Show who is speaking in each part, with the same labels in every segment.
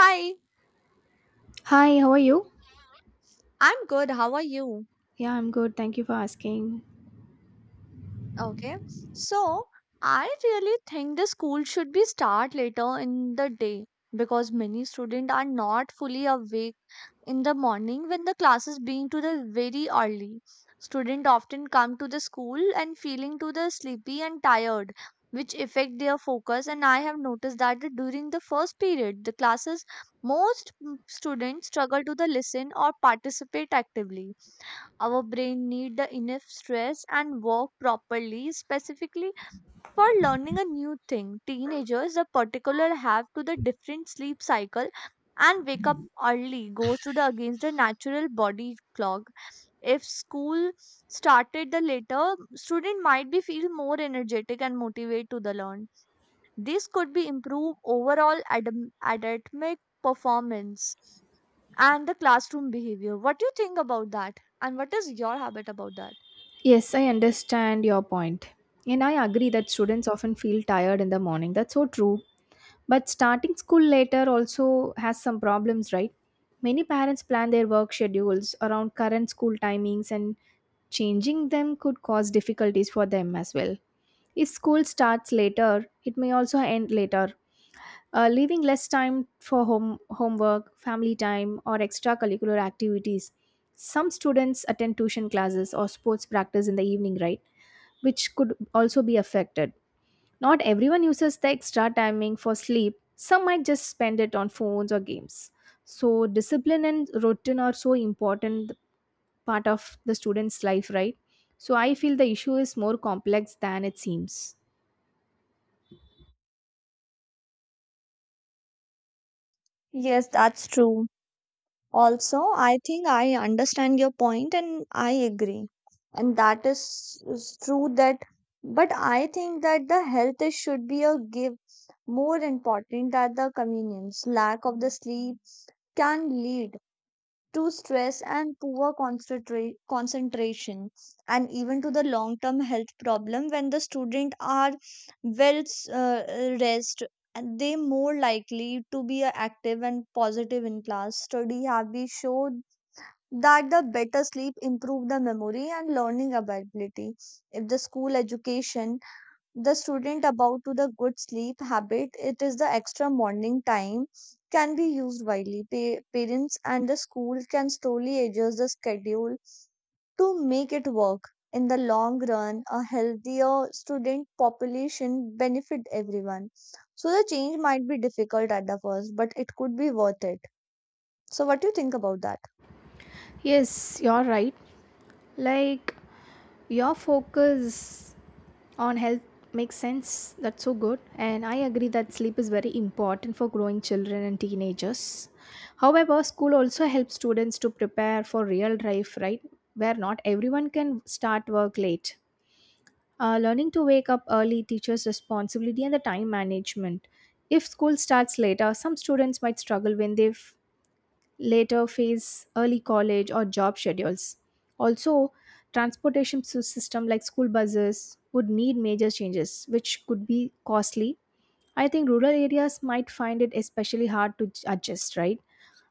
Speaker 1: Hi,
Speaker 2: Hi, how are you?
Speaker 1: I'm good. How are you?
Speaker 2: Yeah, I'm good. Thank you for asking.
Speaker 1: Okay. So, I really think the school should be start later in the day because many students are not fully awake in the morning when the classes being to the very early. Students often come to the school and feeling to the sleepy and tired, which affect their focus. And I have noticed that during the first period, the classes most students struggle to the listen or participate actively. Our brain need the enough stress and work properly, specifically for learning a new thing. Teenagers, the particular, have to the different sleep cycle and wake up early goes to the against the natural body clock. If school started the later, student might be feel more energetic and motivated to the learn. This could be improve overall academic performance and the classroom behavior. What do you think about that? And what is your habit about that?
Speaker 2: Yes, I understand your point. And I agree that students often feel tired in the morning. That's so true. But starting school later also has some problems, right? Many parents plan their work schedules around current school timings, and changing them could cause difficulties for them as well. If school starts later, it may also end later, leaving less time for homework, family time, or extracurricular activities. Some students attend tuition classes or sports practice in the evening, right, which could also be affected. Not everyone uses the extra timing for sleep; some might just spend it on phones or games. So discipline and routine are so important part of the student's life, right? So I feel the issue is more complex than it seems.
Speaker 1: Yes, that's true. Also, I think I understand your point and I agree. And that is true that, but I think that the health is, should be a give more important than the convenience. Lack of the sleep can lead to stress and poor concentration and even to the long term health problem when the student are well rest and they more likely to be active and positive in class study have been showed that the better sleep improve the memory and learning ability if the school education the student about to the good sleep habit it is the extra morning time can be used widely. Parents and the school can slowly adjust the schedule to make it work in the long run, a healthier student population benefit everyone. So the change might be difficult at the first, but it could be worth it. So what do you think about that?
Speaker 2: Yes, you're right. Like, your focus on health makes sense. That's so good. And I agree that sleep is very important for growing children and teenagers. However, school also helps students to prepare for real life, right? Where not everyone can start work late. Learning to wake up early teaches responsibility and the time management. If school starts later, some students might struggle when they later face early college or job schedules. Also, transportation system like school buses would need major changes, which could be costly. I think rural areas might find it especially hard to adjust, right?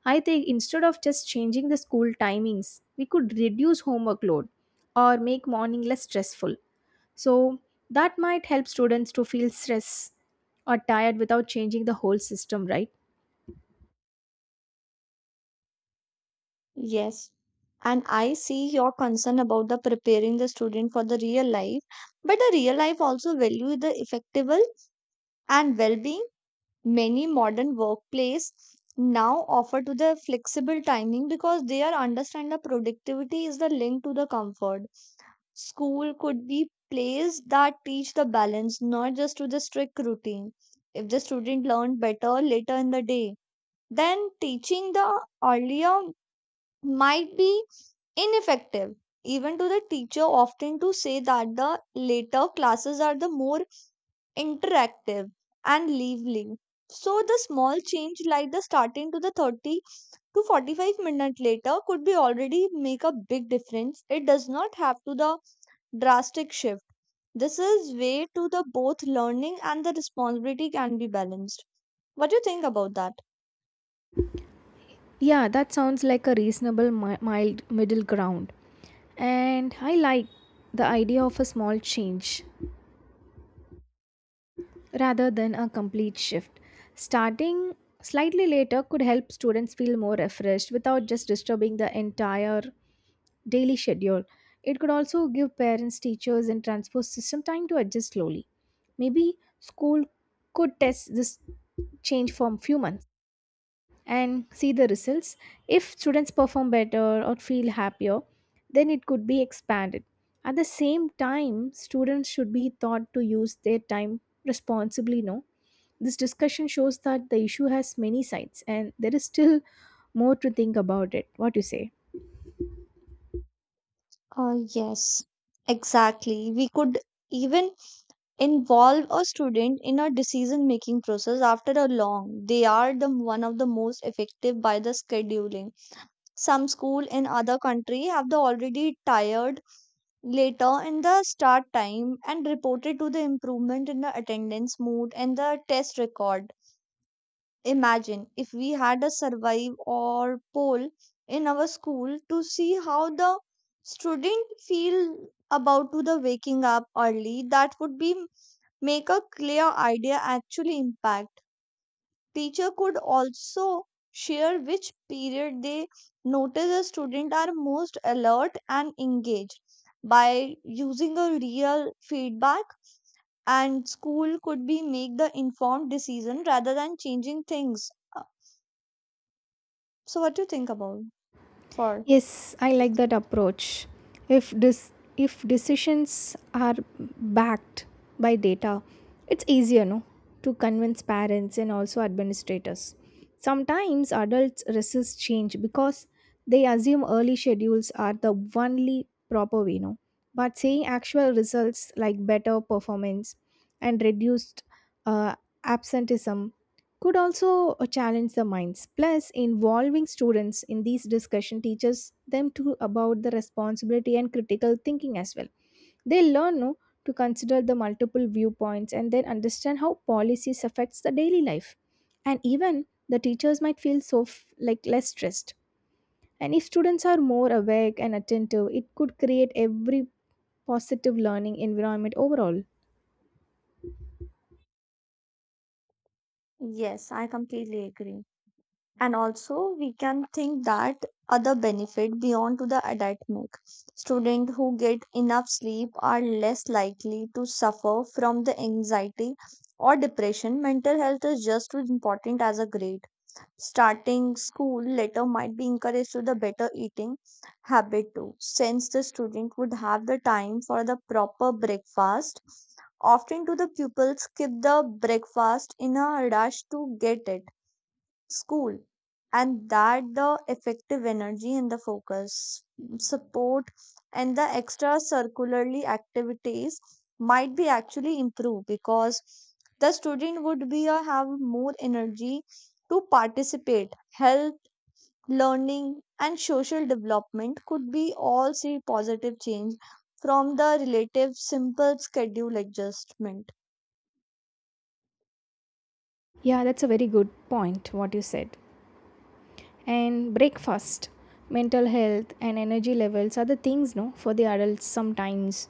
Speaker 2: I think instead of just changing the school timings, we could reduce homework load or make morning less stressful. So that might help students to feel stress or tired without changing the whole system, right?
Speaker 1: Yes. And I see your concern about the preparing the student for the real life, but the real life also value the effectable and well-being. Many modern workplace now offer to the flexible timing because they are understand the productivity is the link to the comfort. School could be place that teach the balance, not just to the strict routine. If the student learn better later in the day, then teaching the earlier might be ineffective, even to the teacher often to say that the later classes are the more interactive and lively. So the small change like the starting to the 30 to 45 minute later could be already make a big difference. It does not have to the drastic shift. This is way to the both learning and the responsibility can be balanced. What do you think about that?
Speaker 2: Yeah, that sounds like a reasonable mild middle ground. And I like the idea of a small change rather than a complete shift. Starting slightly later could help students feel more refreshed without just disturbing the entire daily schedule. It could also give parents, teachers, and transport system time to adjust slowly. Maybe school could test this change for a few months and see the results. If students perform better or feel happier, then it could be expanded. At the same time, students should be taught to use their time responsibly. No, this discussion shows that the issue has many sides, and there is still more to think about it. What do you say?
Speaker 1: Yes, exactly. We could even involve a student in a decision making process after a long they are the one of the most effective by the scheduling. Some school in other country have the already tired later in the start time and reported to the improvement in the attendance mood and the test record. Imagine if we had a survey or poll in our school to see how the student feel about to the waking up early, that would be make a clear idea actually impact. Teacher could also share which period they notice the student are most alert and engaged by using a real feedback and school could be make the informed decision rather than changing things. Uh, So what do you think about for?
Speaker 2: Yes, I like that approach. If this if decisions are backed by data, it's easier, no, to convince parents and also administrators. Sometimes adults resist change because they assume early schedules are the only proper way, no. But seeing actual results like better performance and reduced uh, absenteeism could also challenge the minds. Plus, involving students in these discussion teaches them to about the responsibility and critical thinking as well. They learn, no, to consider the multiple viewpoints and then understand how policies affects the daily life. And even the teachers might feel so like less stressed, and if students are more awake and attentive, it could create every positive learning environment overall.
Speaker 1: Yes, I completely agree. And also we can think that other benefit beyond to the academic. Students who get enough sleep are less likely to suffer from the anxiety or depression. Mental health is just as important as a grade. Starting school later might be encouraged to the better eating habit too, since the student would have the time for the proper breakfast. Often do the pupils skip the breakfast in a rush to get it school, and that the effective energy and the focus support and the extra circularly activities might be actually improved because the student would be have more energy to participate health. Learning and social development could be all see positive change from the relative simple schedule adjustment.
Speaker 2: Yeah, that's a very good point, what you said. And breakfast, mental health, and energy levels are the things, no, for the adults sometimes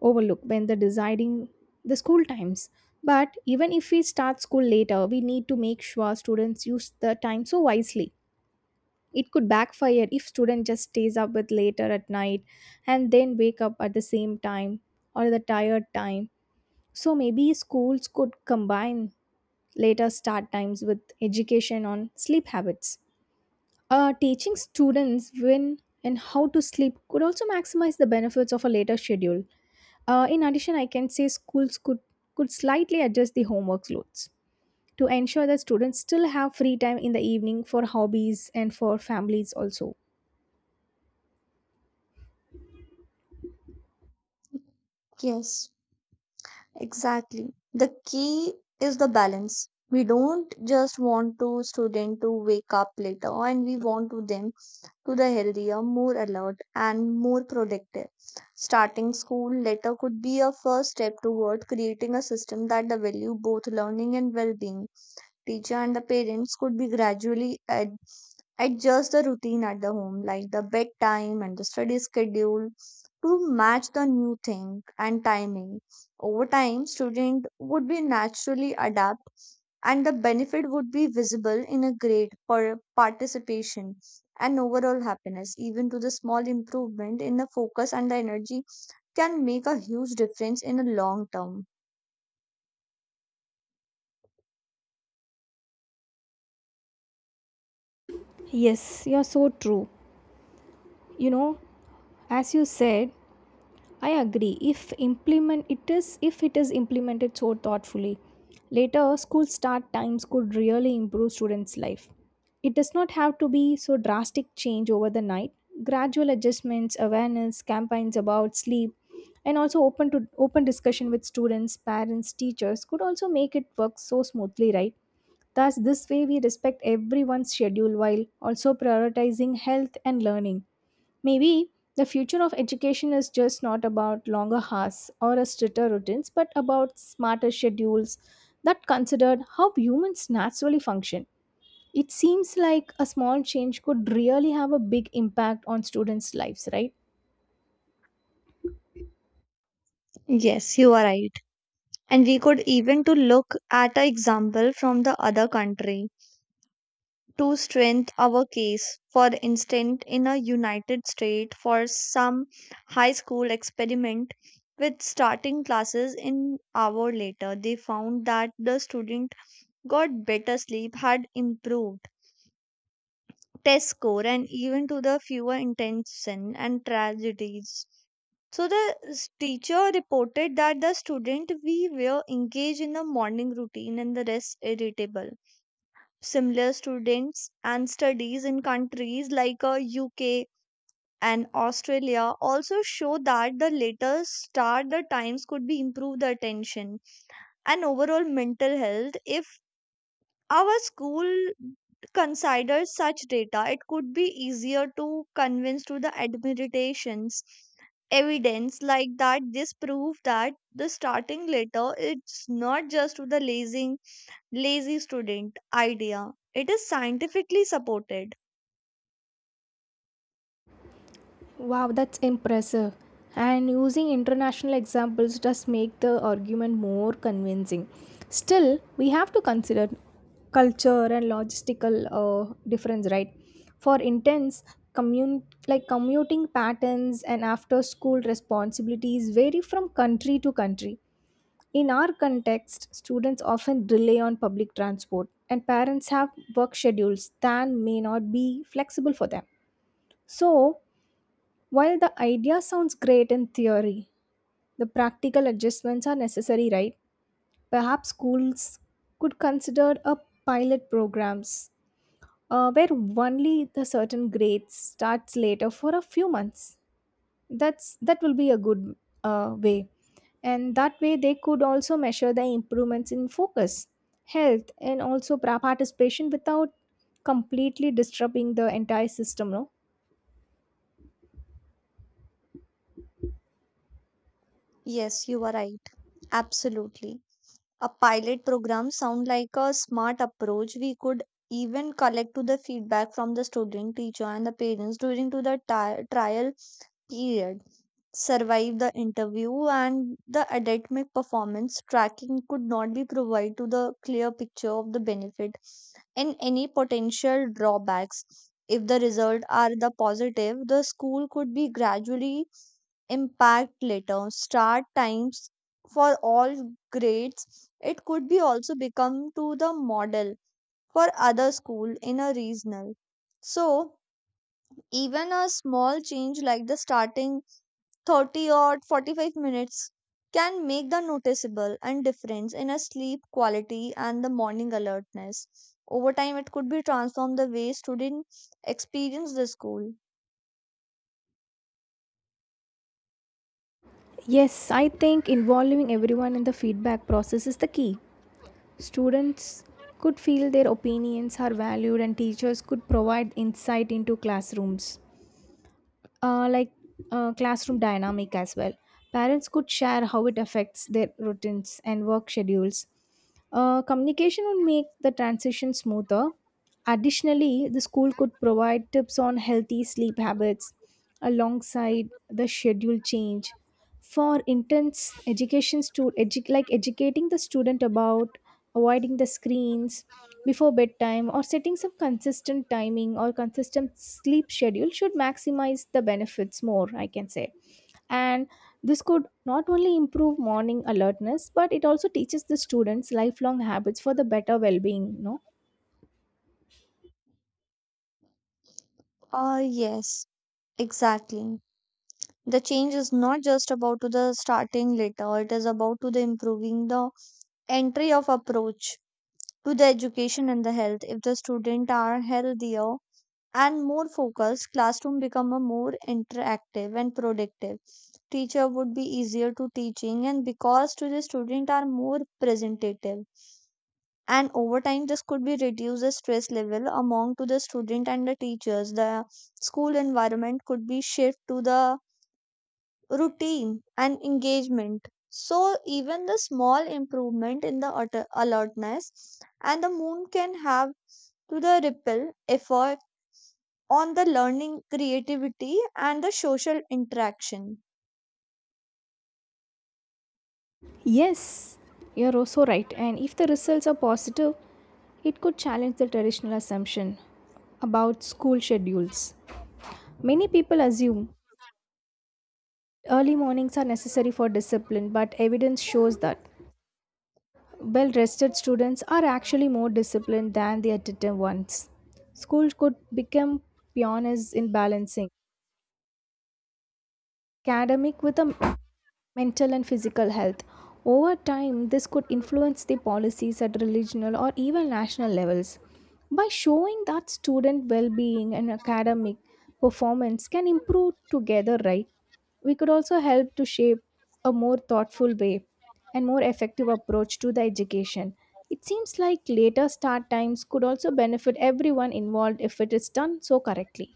Speaker 2: overlook when they're deciding the school times. But even if we start school later, we need to make sure students use the time so wisely. It could backfire if student just stays up with later at night and then wake up at the same time or the tired time. So maybe schools could combine later start times with education on sleep habits. Teaching students when and how to sleep could also maximize the benefits of a later schedule. In addition, I can say schools could slightly adjust the homework loads to ensure that students still have free time in the evening for hobbies and for families also.
Speaker 1: Yes, exactly. The key is the balance. We don't just want to student to wake up later and we want to them to the healthier, more alert and more productive. Starting school later could be a first step toward creating a system that the value both learning and well-being. Teacher and the parents could be gradually adjust the routine at the home, like the bedtime and the study schedule, to match the new thing and timing. Over time, student would be naturally adapt and the benefit would be visible in a grade per participation and overall happiness. Even to the small improvement in the focus and the energy can make a huge difference in the long term.
Speaker 2: Yes, you're so true. You know, as you said, I agree. If it is implemented so thoughtfully, later school start times could really improve students' life. It does not have to be so drastic change over the night. Gradual adjustments, awareness, campaigns about sleep, and also open discussion with students, parents, teachers could also make it work so smoothly, right? Thus, this way we respect everyone's schedule while also prioritizing health and learning. Maybe the future of education is just not about longer hours or a stricter routines, but about smarter schedules that considered how humans naturally function. It seems like a small change could really have a big impact on students' lives, right?
Speaker 1: Yes, you are right. And we could even to look at an example from the other country to strengthen our case. For instance, in a united states for some high school experiment with starting classes an hour later, they found that the student got better sleep, had improved test score, and even to the fewer intention and tragedies. So the teacher reported that the student we were engaged in the morning routine and the rest irritable. Similar students and studies in countries like UK and Australia also show that the later start the times could be improve the attention and overall mental health. If our school considers such data, it could be easier to convince to the administrations. Evidence like that this prove that the starting letter it's not just to the lazy student idea. It is scientifically supported.
Speaker 2: Wow, that's impressive. And using international examples does make the argument more convincing. Still, we have to consider culture and logistical difference, right? For intense, like commuting patterns and after school responsibilities vary from country to country. In our context, students often rely on public transport, and parents have work schedules that may not be flexible for them. So, while the idea sounds great in theory, the practical adjustments are necessary, right? Perhaps schools could consider a pilot programs where only the certain grades starts later for a few months. That will be a good way, and that way they could also measure the improvements in focus, health, and also participation without completely disrupting the entire system. No.
Speaker 1: Yes, you are right. Absolutely, a pilot program sound like a smart approach. We could even collect to the feedback from the student, teacher, and the parents during to the trial period. Survive the interview and the academic performance tracking could not be provided to the clear picture of the benefit and any potential drawbacks. If the results are the positive, the school could be gradually impact later start times for all grades. It could be also become to the model for other school in a regional. So even a small change like the starting 30 or 45 minutes can make the noticeable and difference in a sleep quality and the morning alertness. Over time, it could be transformed the way students experience the school.
Speaker 2: Yes, I think involving everyone in the feedback process is the key. Students could feel their opinions are valued, and teachers could provide insight into classrooms, uh, like classroom dynamic as well. Parents could share how it affects their routines and work schedules. Communication would make the transition smoother. Additionally, the school could provide tips on healthy sleep habits alongside the schedule change. For intense, like educating the student about avoiding the screens before bedtime, or setting some consistent timing or consistent sleep schedule should maximize the benefits more, I can say. And this could not only improve morning alertness, but it also teaches the students lifelong habits for the better well-being, no?
Speaker 1: Ah, yes, exactly. The change is not just about to the starting later, it is about to the improving the entry of approach to the education and the health. If the student are healthier and more focused, classroom become a more interactive and productive. Teacher would be easier to teaching and because to the student are more representative. And over time this could be reduce the stress level among to the student and the teachers. The school environment could be shift to the routine and engagement. So even the small improvement in the alertness and the moon can have to the ripple effect on the learning, creativity, and the social interaction.
Speaker 2: Yes, you're also right. And if the results are positive, it could challenge the traditional assumption about school schedules. Many people assume early mornings are necessary for discipline, but evidence shows that well rested students are actually more disciplined than the attentive ones. Schools could become pioneers in balancing academic with a mental and physical health. Over time, this could influence the policies at regional or even national levels. By showing that student well being and academic performance can improve together, right? We could also help to shape a more thoughtful way and more effective approach to the education. It seems like later start times could also benefit everyone involved if it is done so correctly.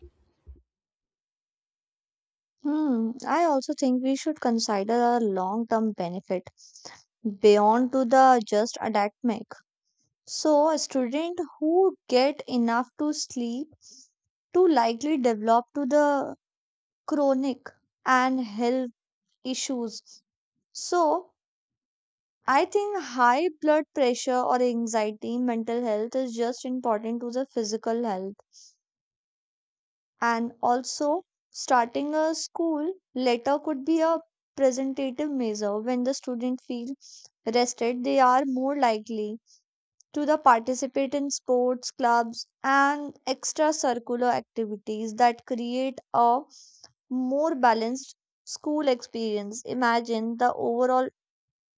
Speaker 1: Hmm, I also think we should consider a long-term benefit beyond to the just academic. So a student who get enough to sleep to likely develop to the chronic and health issues. So I think high blood pressure or anxiety, mental health is just important to the physical health. And also, starting a school letter could be a presentative measure. When the student feels rested, they are more likely to the participate in sports clubs and extracurricular activities that create a more balanced school experience. Imagine the overall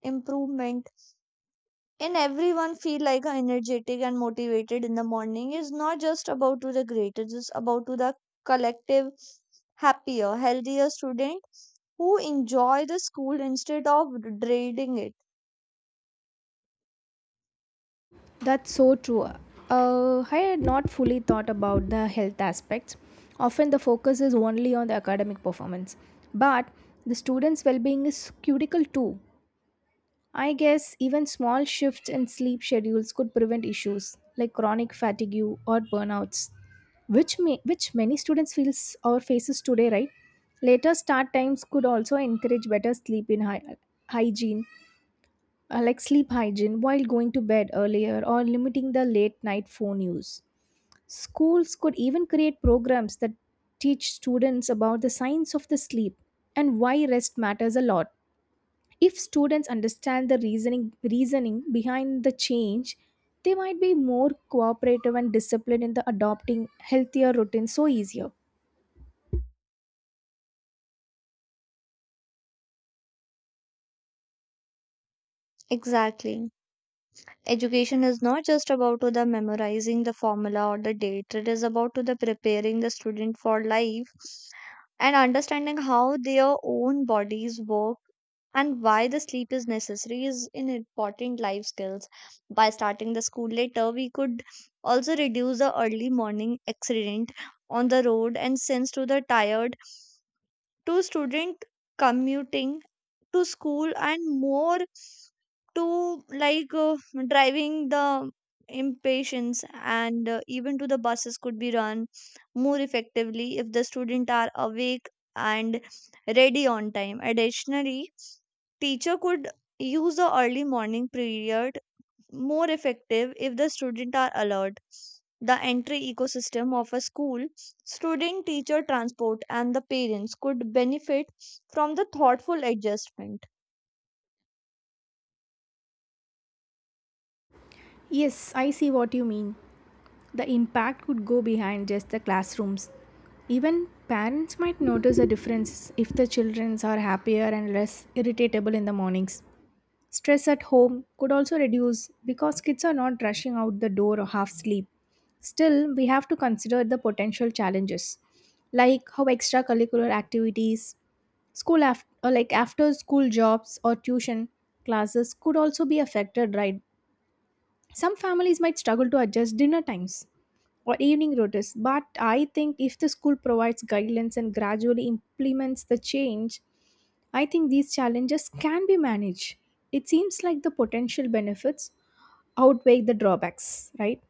Speaker 1: improvement and everyone feel like a energetic and motivated in the morning is not just about to the great, it's just about to the collective happier healthier student who enjoy the school instead of dreading it.
Speaker 2: That's so true. I had not fully thought about the health aspects. Often the focus is only on the academic performance, but the students' well being is critical too. I guess even small shifts in sleep schedules could prevent issues like chronic fatigue or burnouts, which, may, which many students feels or faces today, right? Later start times could also encourage better sleep in hygiene, like sleep hygiene, while going to bed earlier or limiting the late night phone use. Schools could even create programs that teach students about the science of the sleep and why rest matters a lot. If students understand the reasoning behind the change, they might be more cooperative and disciplined in the adopting healthier routines so easier.
Speaker 1: Exactly, education is not just about to the memorizing the formula or the date, it is about to the preparing the student for life and understanding how their own bodies work and why the sleep is necessary is in important life skills. By starting the school later, we could also reduce the early morning accident on the road and sends to the tired to student commuting to school and more to like driving the impatience and even to the buses could be run more effectively if the student are awake and ready on time. Additionally, teacher could use the early morning period more effective if the student are alert. The entry ecosystem of a school, student, teacher, transport and the parents could benefit from the thoughtful adjustment.
Speaker 2: Yes, I see what you mean. The impact could go behind just the classrooms. Even parents might notice a difference if the children are happier and less irritable in the mornings. Stress at home could also reduce because kids are not rushing out the door or half asleep. Still, we have to consider the potential challenges, like how extracurricular activities, school after, or like after school jobs or tuition classes could also be affected, right? Some families might struggle to adjust dinner times or evening routines. But I think if the school provides guidelines and gradually implements the change, I think these challenges can be managed. It seems like the potential benefits outweigh the drawbacks, right?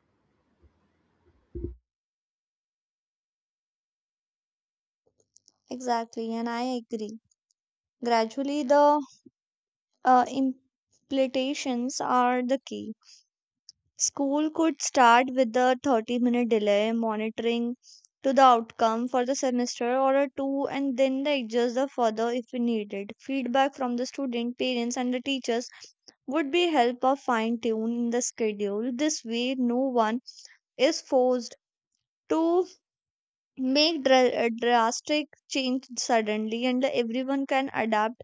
Speaker 1: Exactly, and I agree. Gradually the implications are the key. School could start with a 30-minute delay, monitoring to the outcome for the semester or a two, and then they adjust the further if we needed. Feedback from the student, parents, and the teachers would be help of fine tuning the schedule. This way, no one is forced to make drastic change suddenly, and everyone can adapt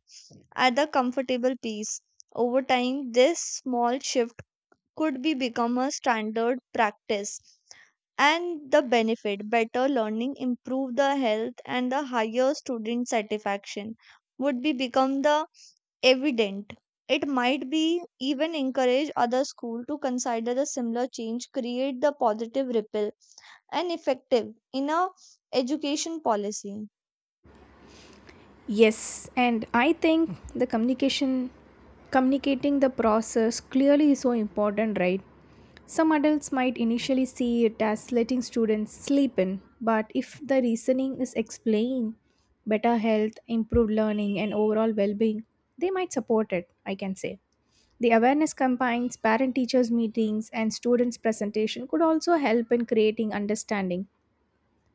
Speaker 1: at the comfortable pace. Over time, this small shift could be become a standard practice and the benefit better learning improve the health and the higher student satisfaction would be become the evident. It might be even encourage other school to consider the similar change create the positive ripple and effective in a education policy.
Speaker 2: Yes, and I think communicating the process clearly is so important, right? Some adults might initially see it as letting students sleep in, but if the reasoning is explained, better health, improved learning, and overall well being, they might support it, I can say. The awareness campaigns, parent teachers' meetings, and students' presentation could also help in creating understanding.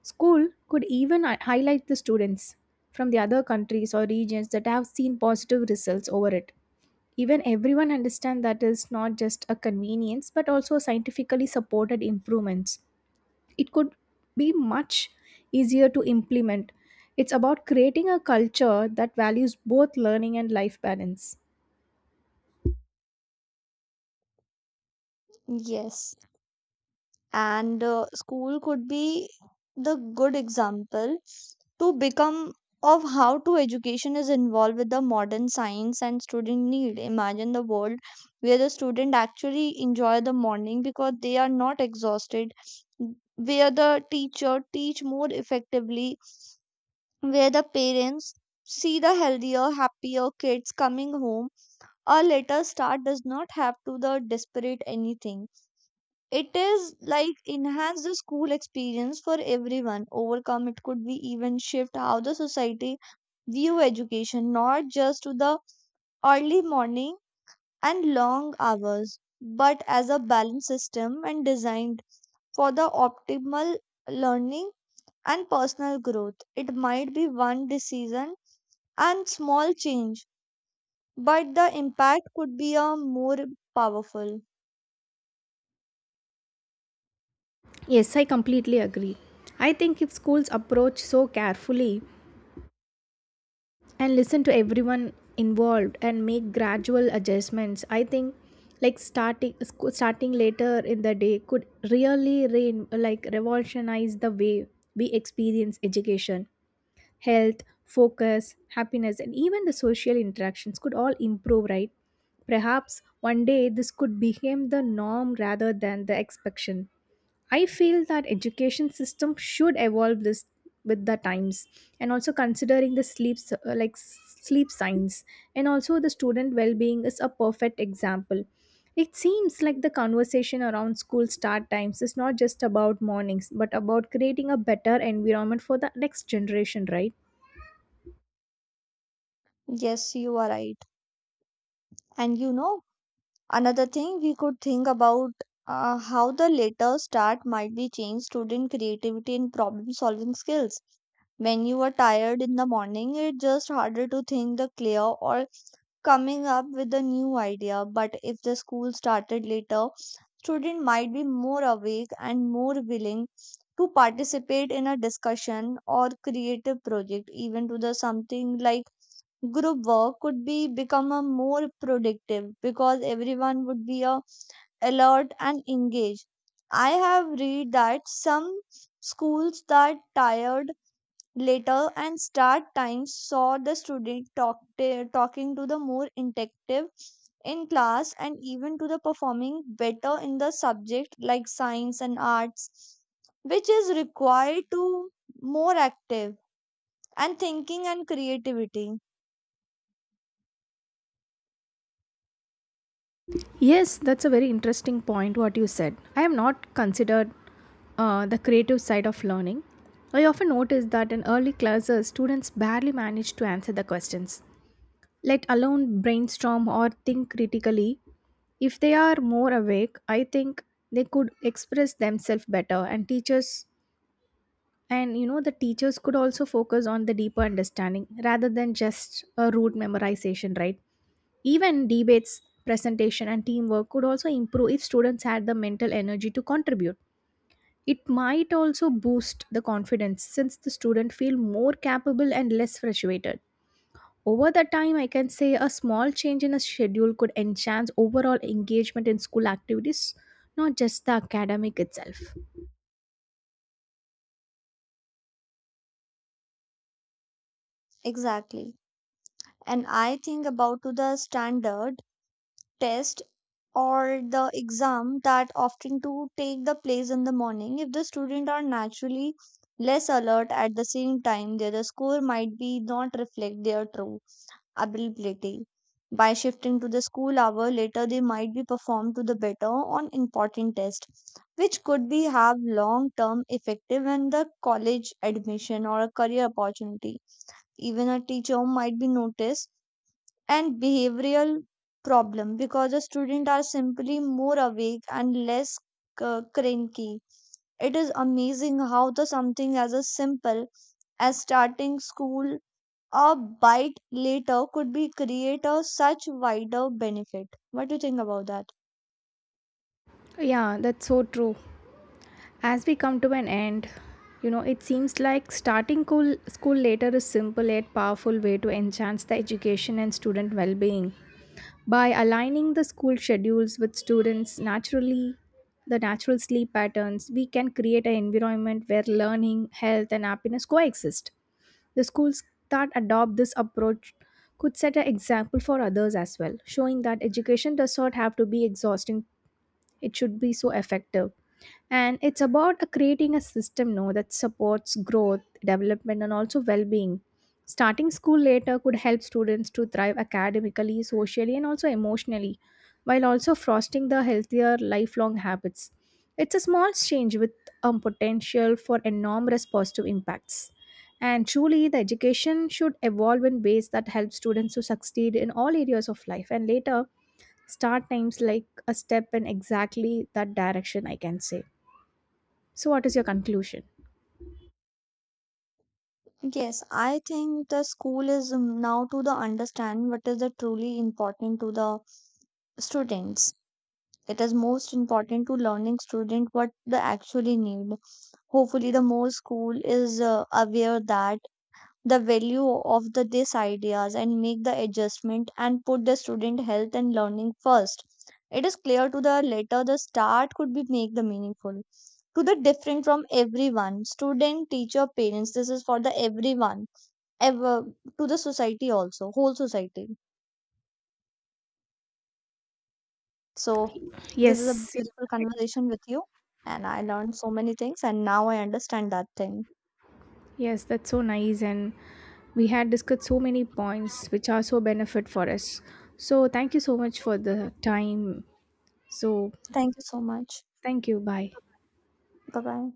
Speaker 2: School could even highlight the students from the other countries or regions that have seen positive results over it. Even everyone understand that is not just a convenience but also scientifically supported improvements, it could be much easier to implement. It's about creating a culture that values both learning and life balance.
Speaker 1: Yes. And school could be the good example to become of how to education is involved with the modern science and student need. Imagine the world where the student actually enjoy the morning because they are not exhausted, where the teacher teach more effectively, where the parents see the healthier happier kids coming home. A later start does not have to the desperate anything. It is like enhance the school experience for everyone. Overcome it could be even shift how the society view education, not just to the early morning and long hours, but as a balanced system and designed for the optimal learning and personal growth. It might be one decision and small change, but the impact could be a more powerful.
Speaker 2: Yes, I completely agree. I think if schools approach so carefully and listen to everyone involved and make gradual adjustments, I think, like, starting later in the day could really like revolutionize the way we experience education. Health, focus, happiness, and even the social interactions could all improve, right? Perhaps one day this could become the norm rather than the exception. I feel that education system should evolve this with the times, and also considering the like sleep science and also the student well-being is a perfect example. It seems like the conversation around school start times is not just about mornings, but about creating a better environment for the next generation, right?
Speaker 1: Yes, you are right. And you know, another thing we could think about how the later start might be change student creativity and problem solving skills. When you are tired in the morning, it's just harder to think the clear or coming up with a new idea. But if the school started later, student might be more awake and more willing to participate in a discussion or creative project, even to the something like group work could be become a more productive because everyone would be a alert and engaged. I have read that some schools that tired later and start times saw the talking to the more interactive in class and even to the performing better in the subject like science and arts, which is required to more active and thinking and creativity.
Speaker 2: Yes, that's a very interesting point what you said. I have not considered the creative side of learning. I often notice that in early classes, students barely manage to answer the questions, let alone brainstorm or think critically. If they are more awake, I think they could express themselves better, and teachers and you know, the teachers could also focus on the deeper understanding rather than just a rote memorization, right? Even debates, presentation, and teamwork could also improve if students had the mental energy to contribute. It might also boost the confidence since the student feel more capable and less frustrated. Over the time, I can say a small change in a schedule could enhance overall engagement in school activities, not just the academic itself.
Speaker 1: Exactly. And I think about to the standard test or the exam that often to take the place in the morning, if the student are naturally less alert at the same time their score might be not reflect their true ability. By shifting to the school hour later they might be performed to the better on important tests, which could be have long term effective in the college admission or a career opportunity. Even a teacher might be noticed and behavioral problem because the students are simply more awake and less cranky. It is amazing how the something as a simple as starting school a bite later could be create a such wider benefit. What do you think about that?
Speaker 2: Yeah, that's so true. As we come to an end, you know, it seems like starting school later is simple yet powerful way to enhance the education and student well-being. By aligning the school schedules with the natural sleep patterns, we can create an environment where learning, health, and happiness coexist. The schools that adopt this approach could set an example for others as well, showing that education does not have to be exhausting, it should be so effective. And it's about creating a system, no, that supports growth development and also well-being. Starting school later could help students to thrive academically, socially, and also emotionally, while also fostering the healthier lifelong habits. It's a small change with potential for enormous positive impacts. And truly the education should evolve in ways that help students to succeed in all areas of life, and later start times like a step in exactly that direction, I can say. So, what is your conclusion?
Speaker 1: Yes, I think the school is now to the understand what is the truly important to the students. It is most important to learning student what they actually need. Hopefully, the more school is aware that the value of the these ideas and make the adjustment and put the student health and learning first. It is clear to the later the start could be make the meaningful to the different from everyone student teacher parents. This is for the everyone ever, to the society also whole society. So, this is a
Speaker 2: Yes, you're
Speaker 1: beautiful
Speaker 2: correct.
Speaker 1: conversation with you, and I learned so many things, and now I understand that thing.
Speaker 2: Yes, that's so nice. And we had discussed so many points which are so benefit for us. So, thank you so much for the time. So,
Speaker 1: Thank you so much.
Speaker 2: thank you. Bye.
Speaker 1: Bye bye.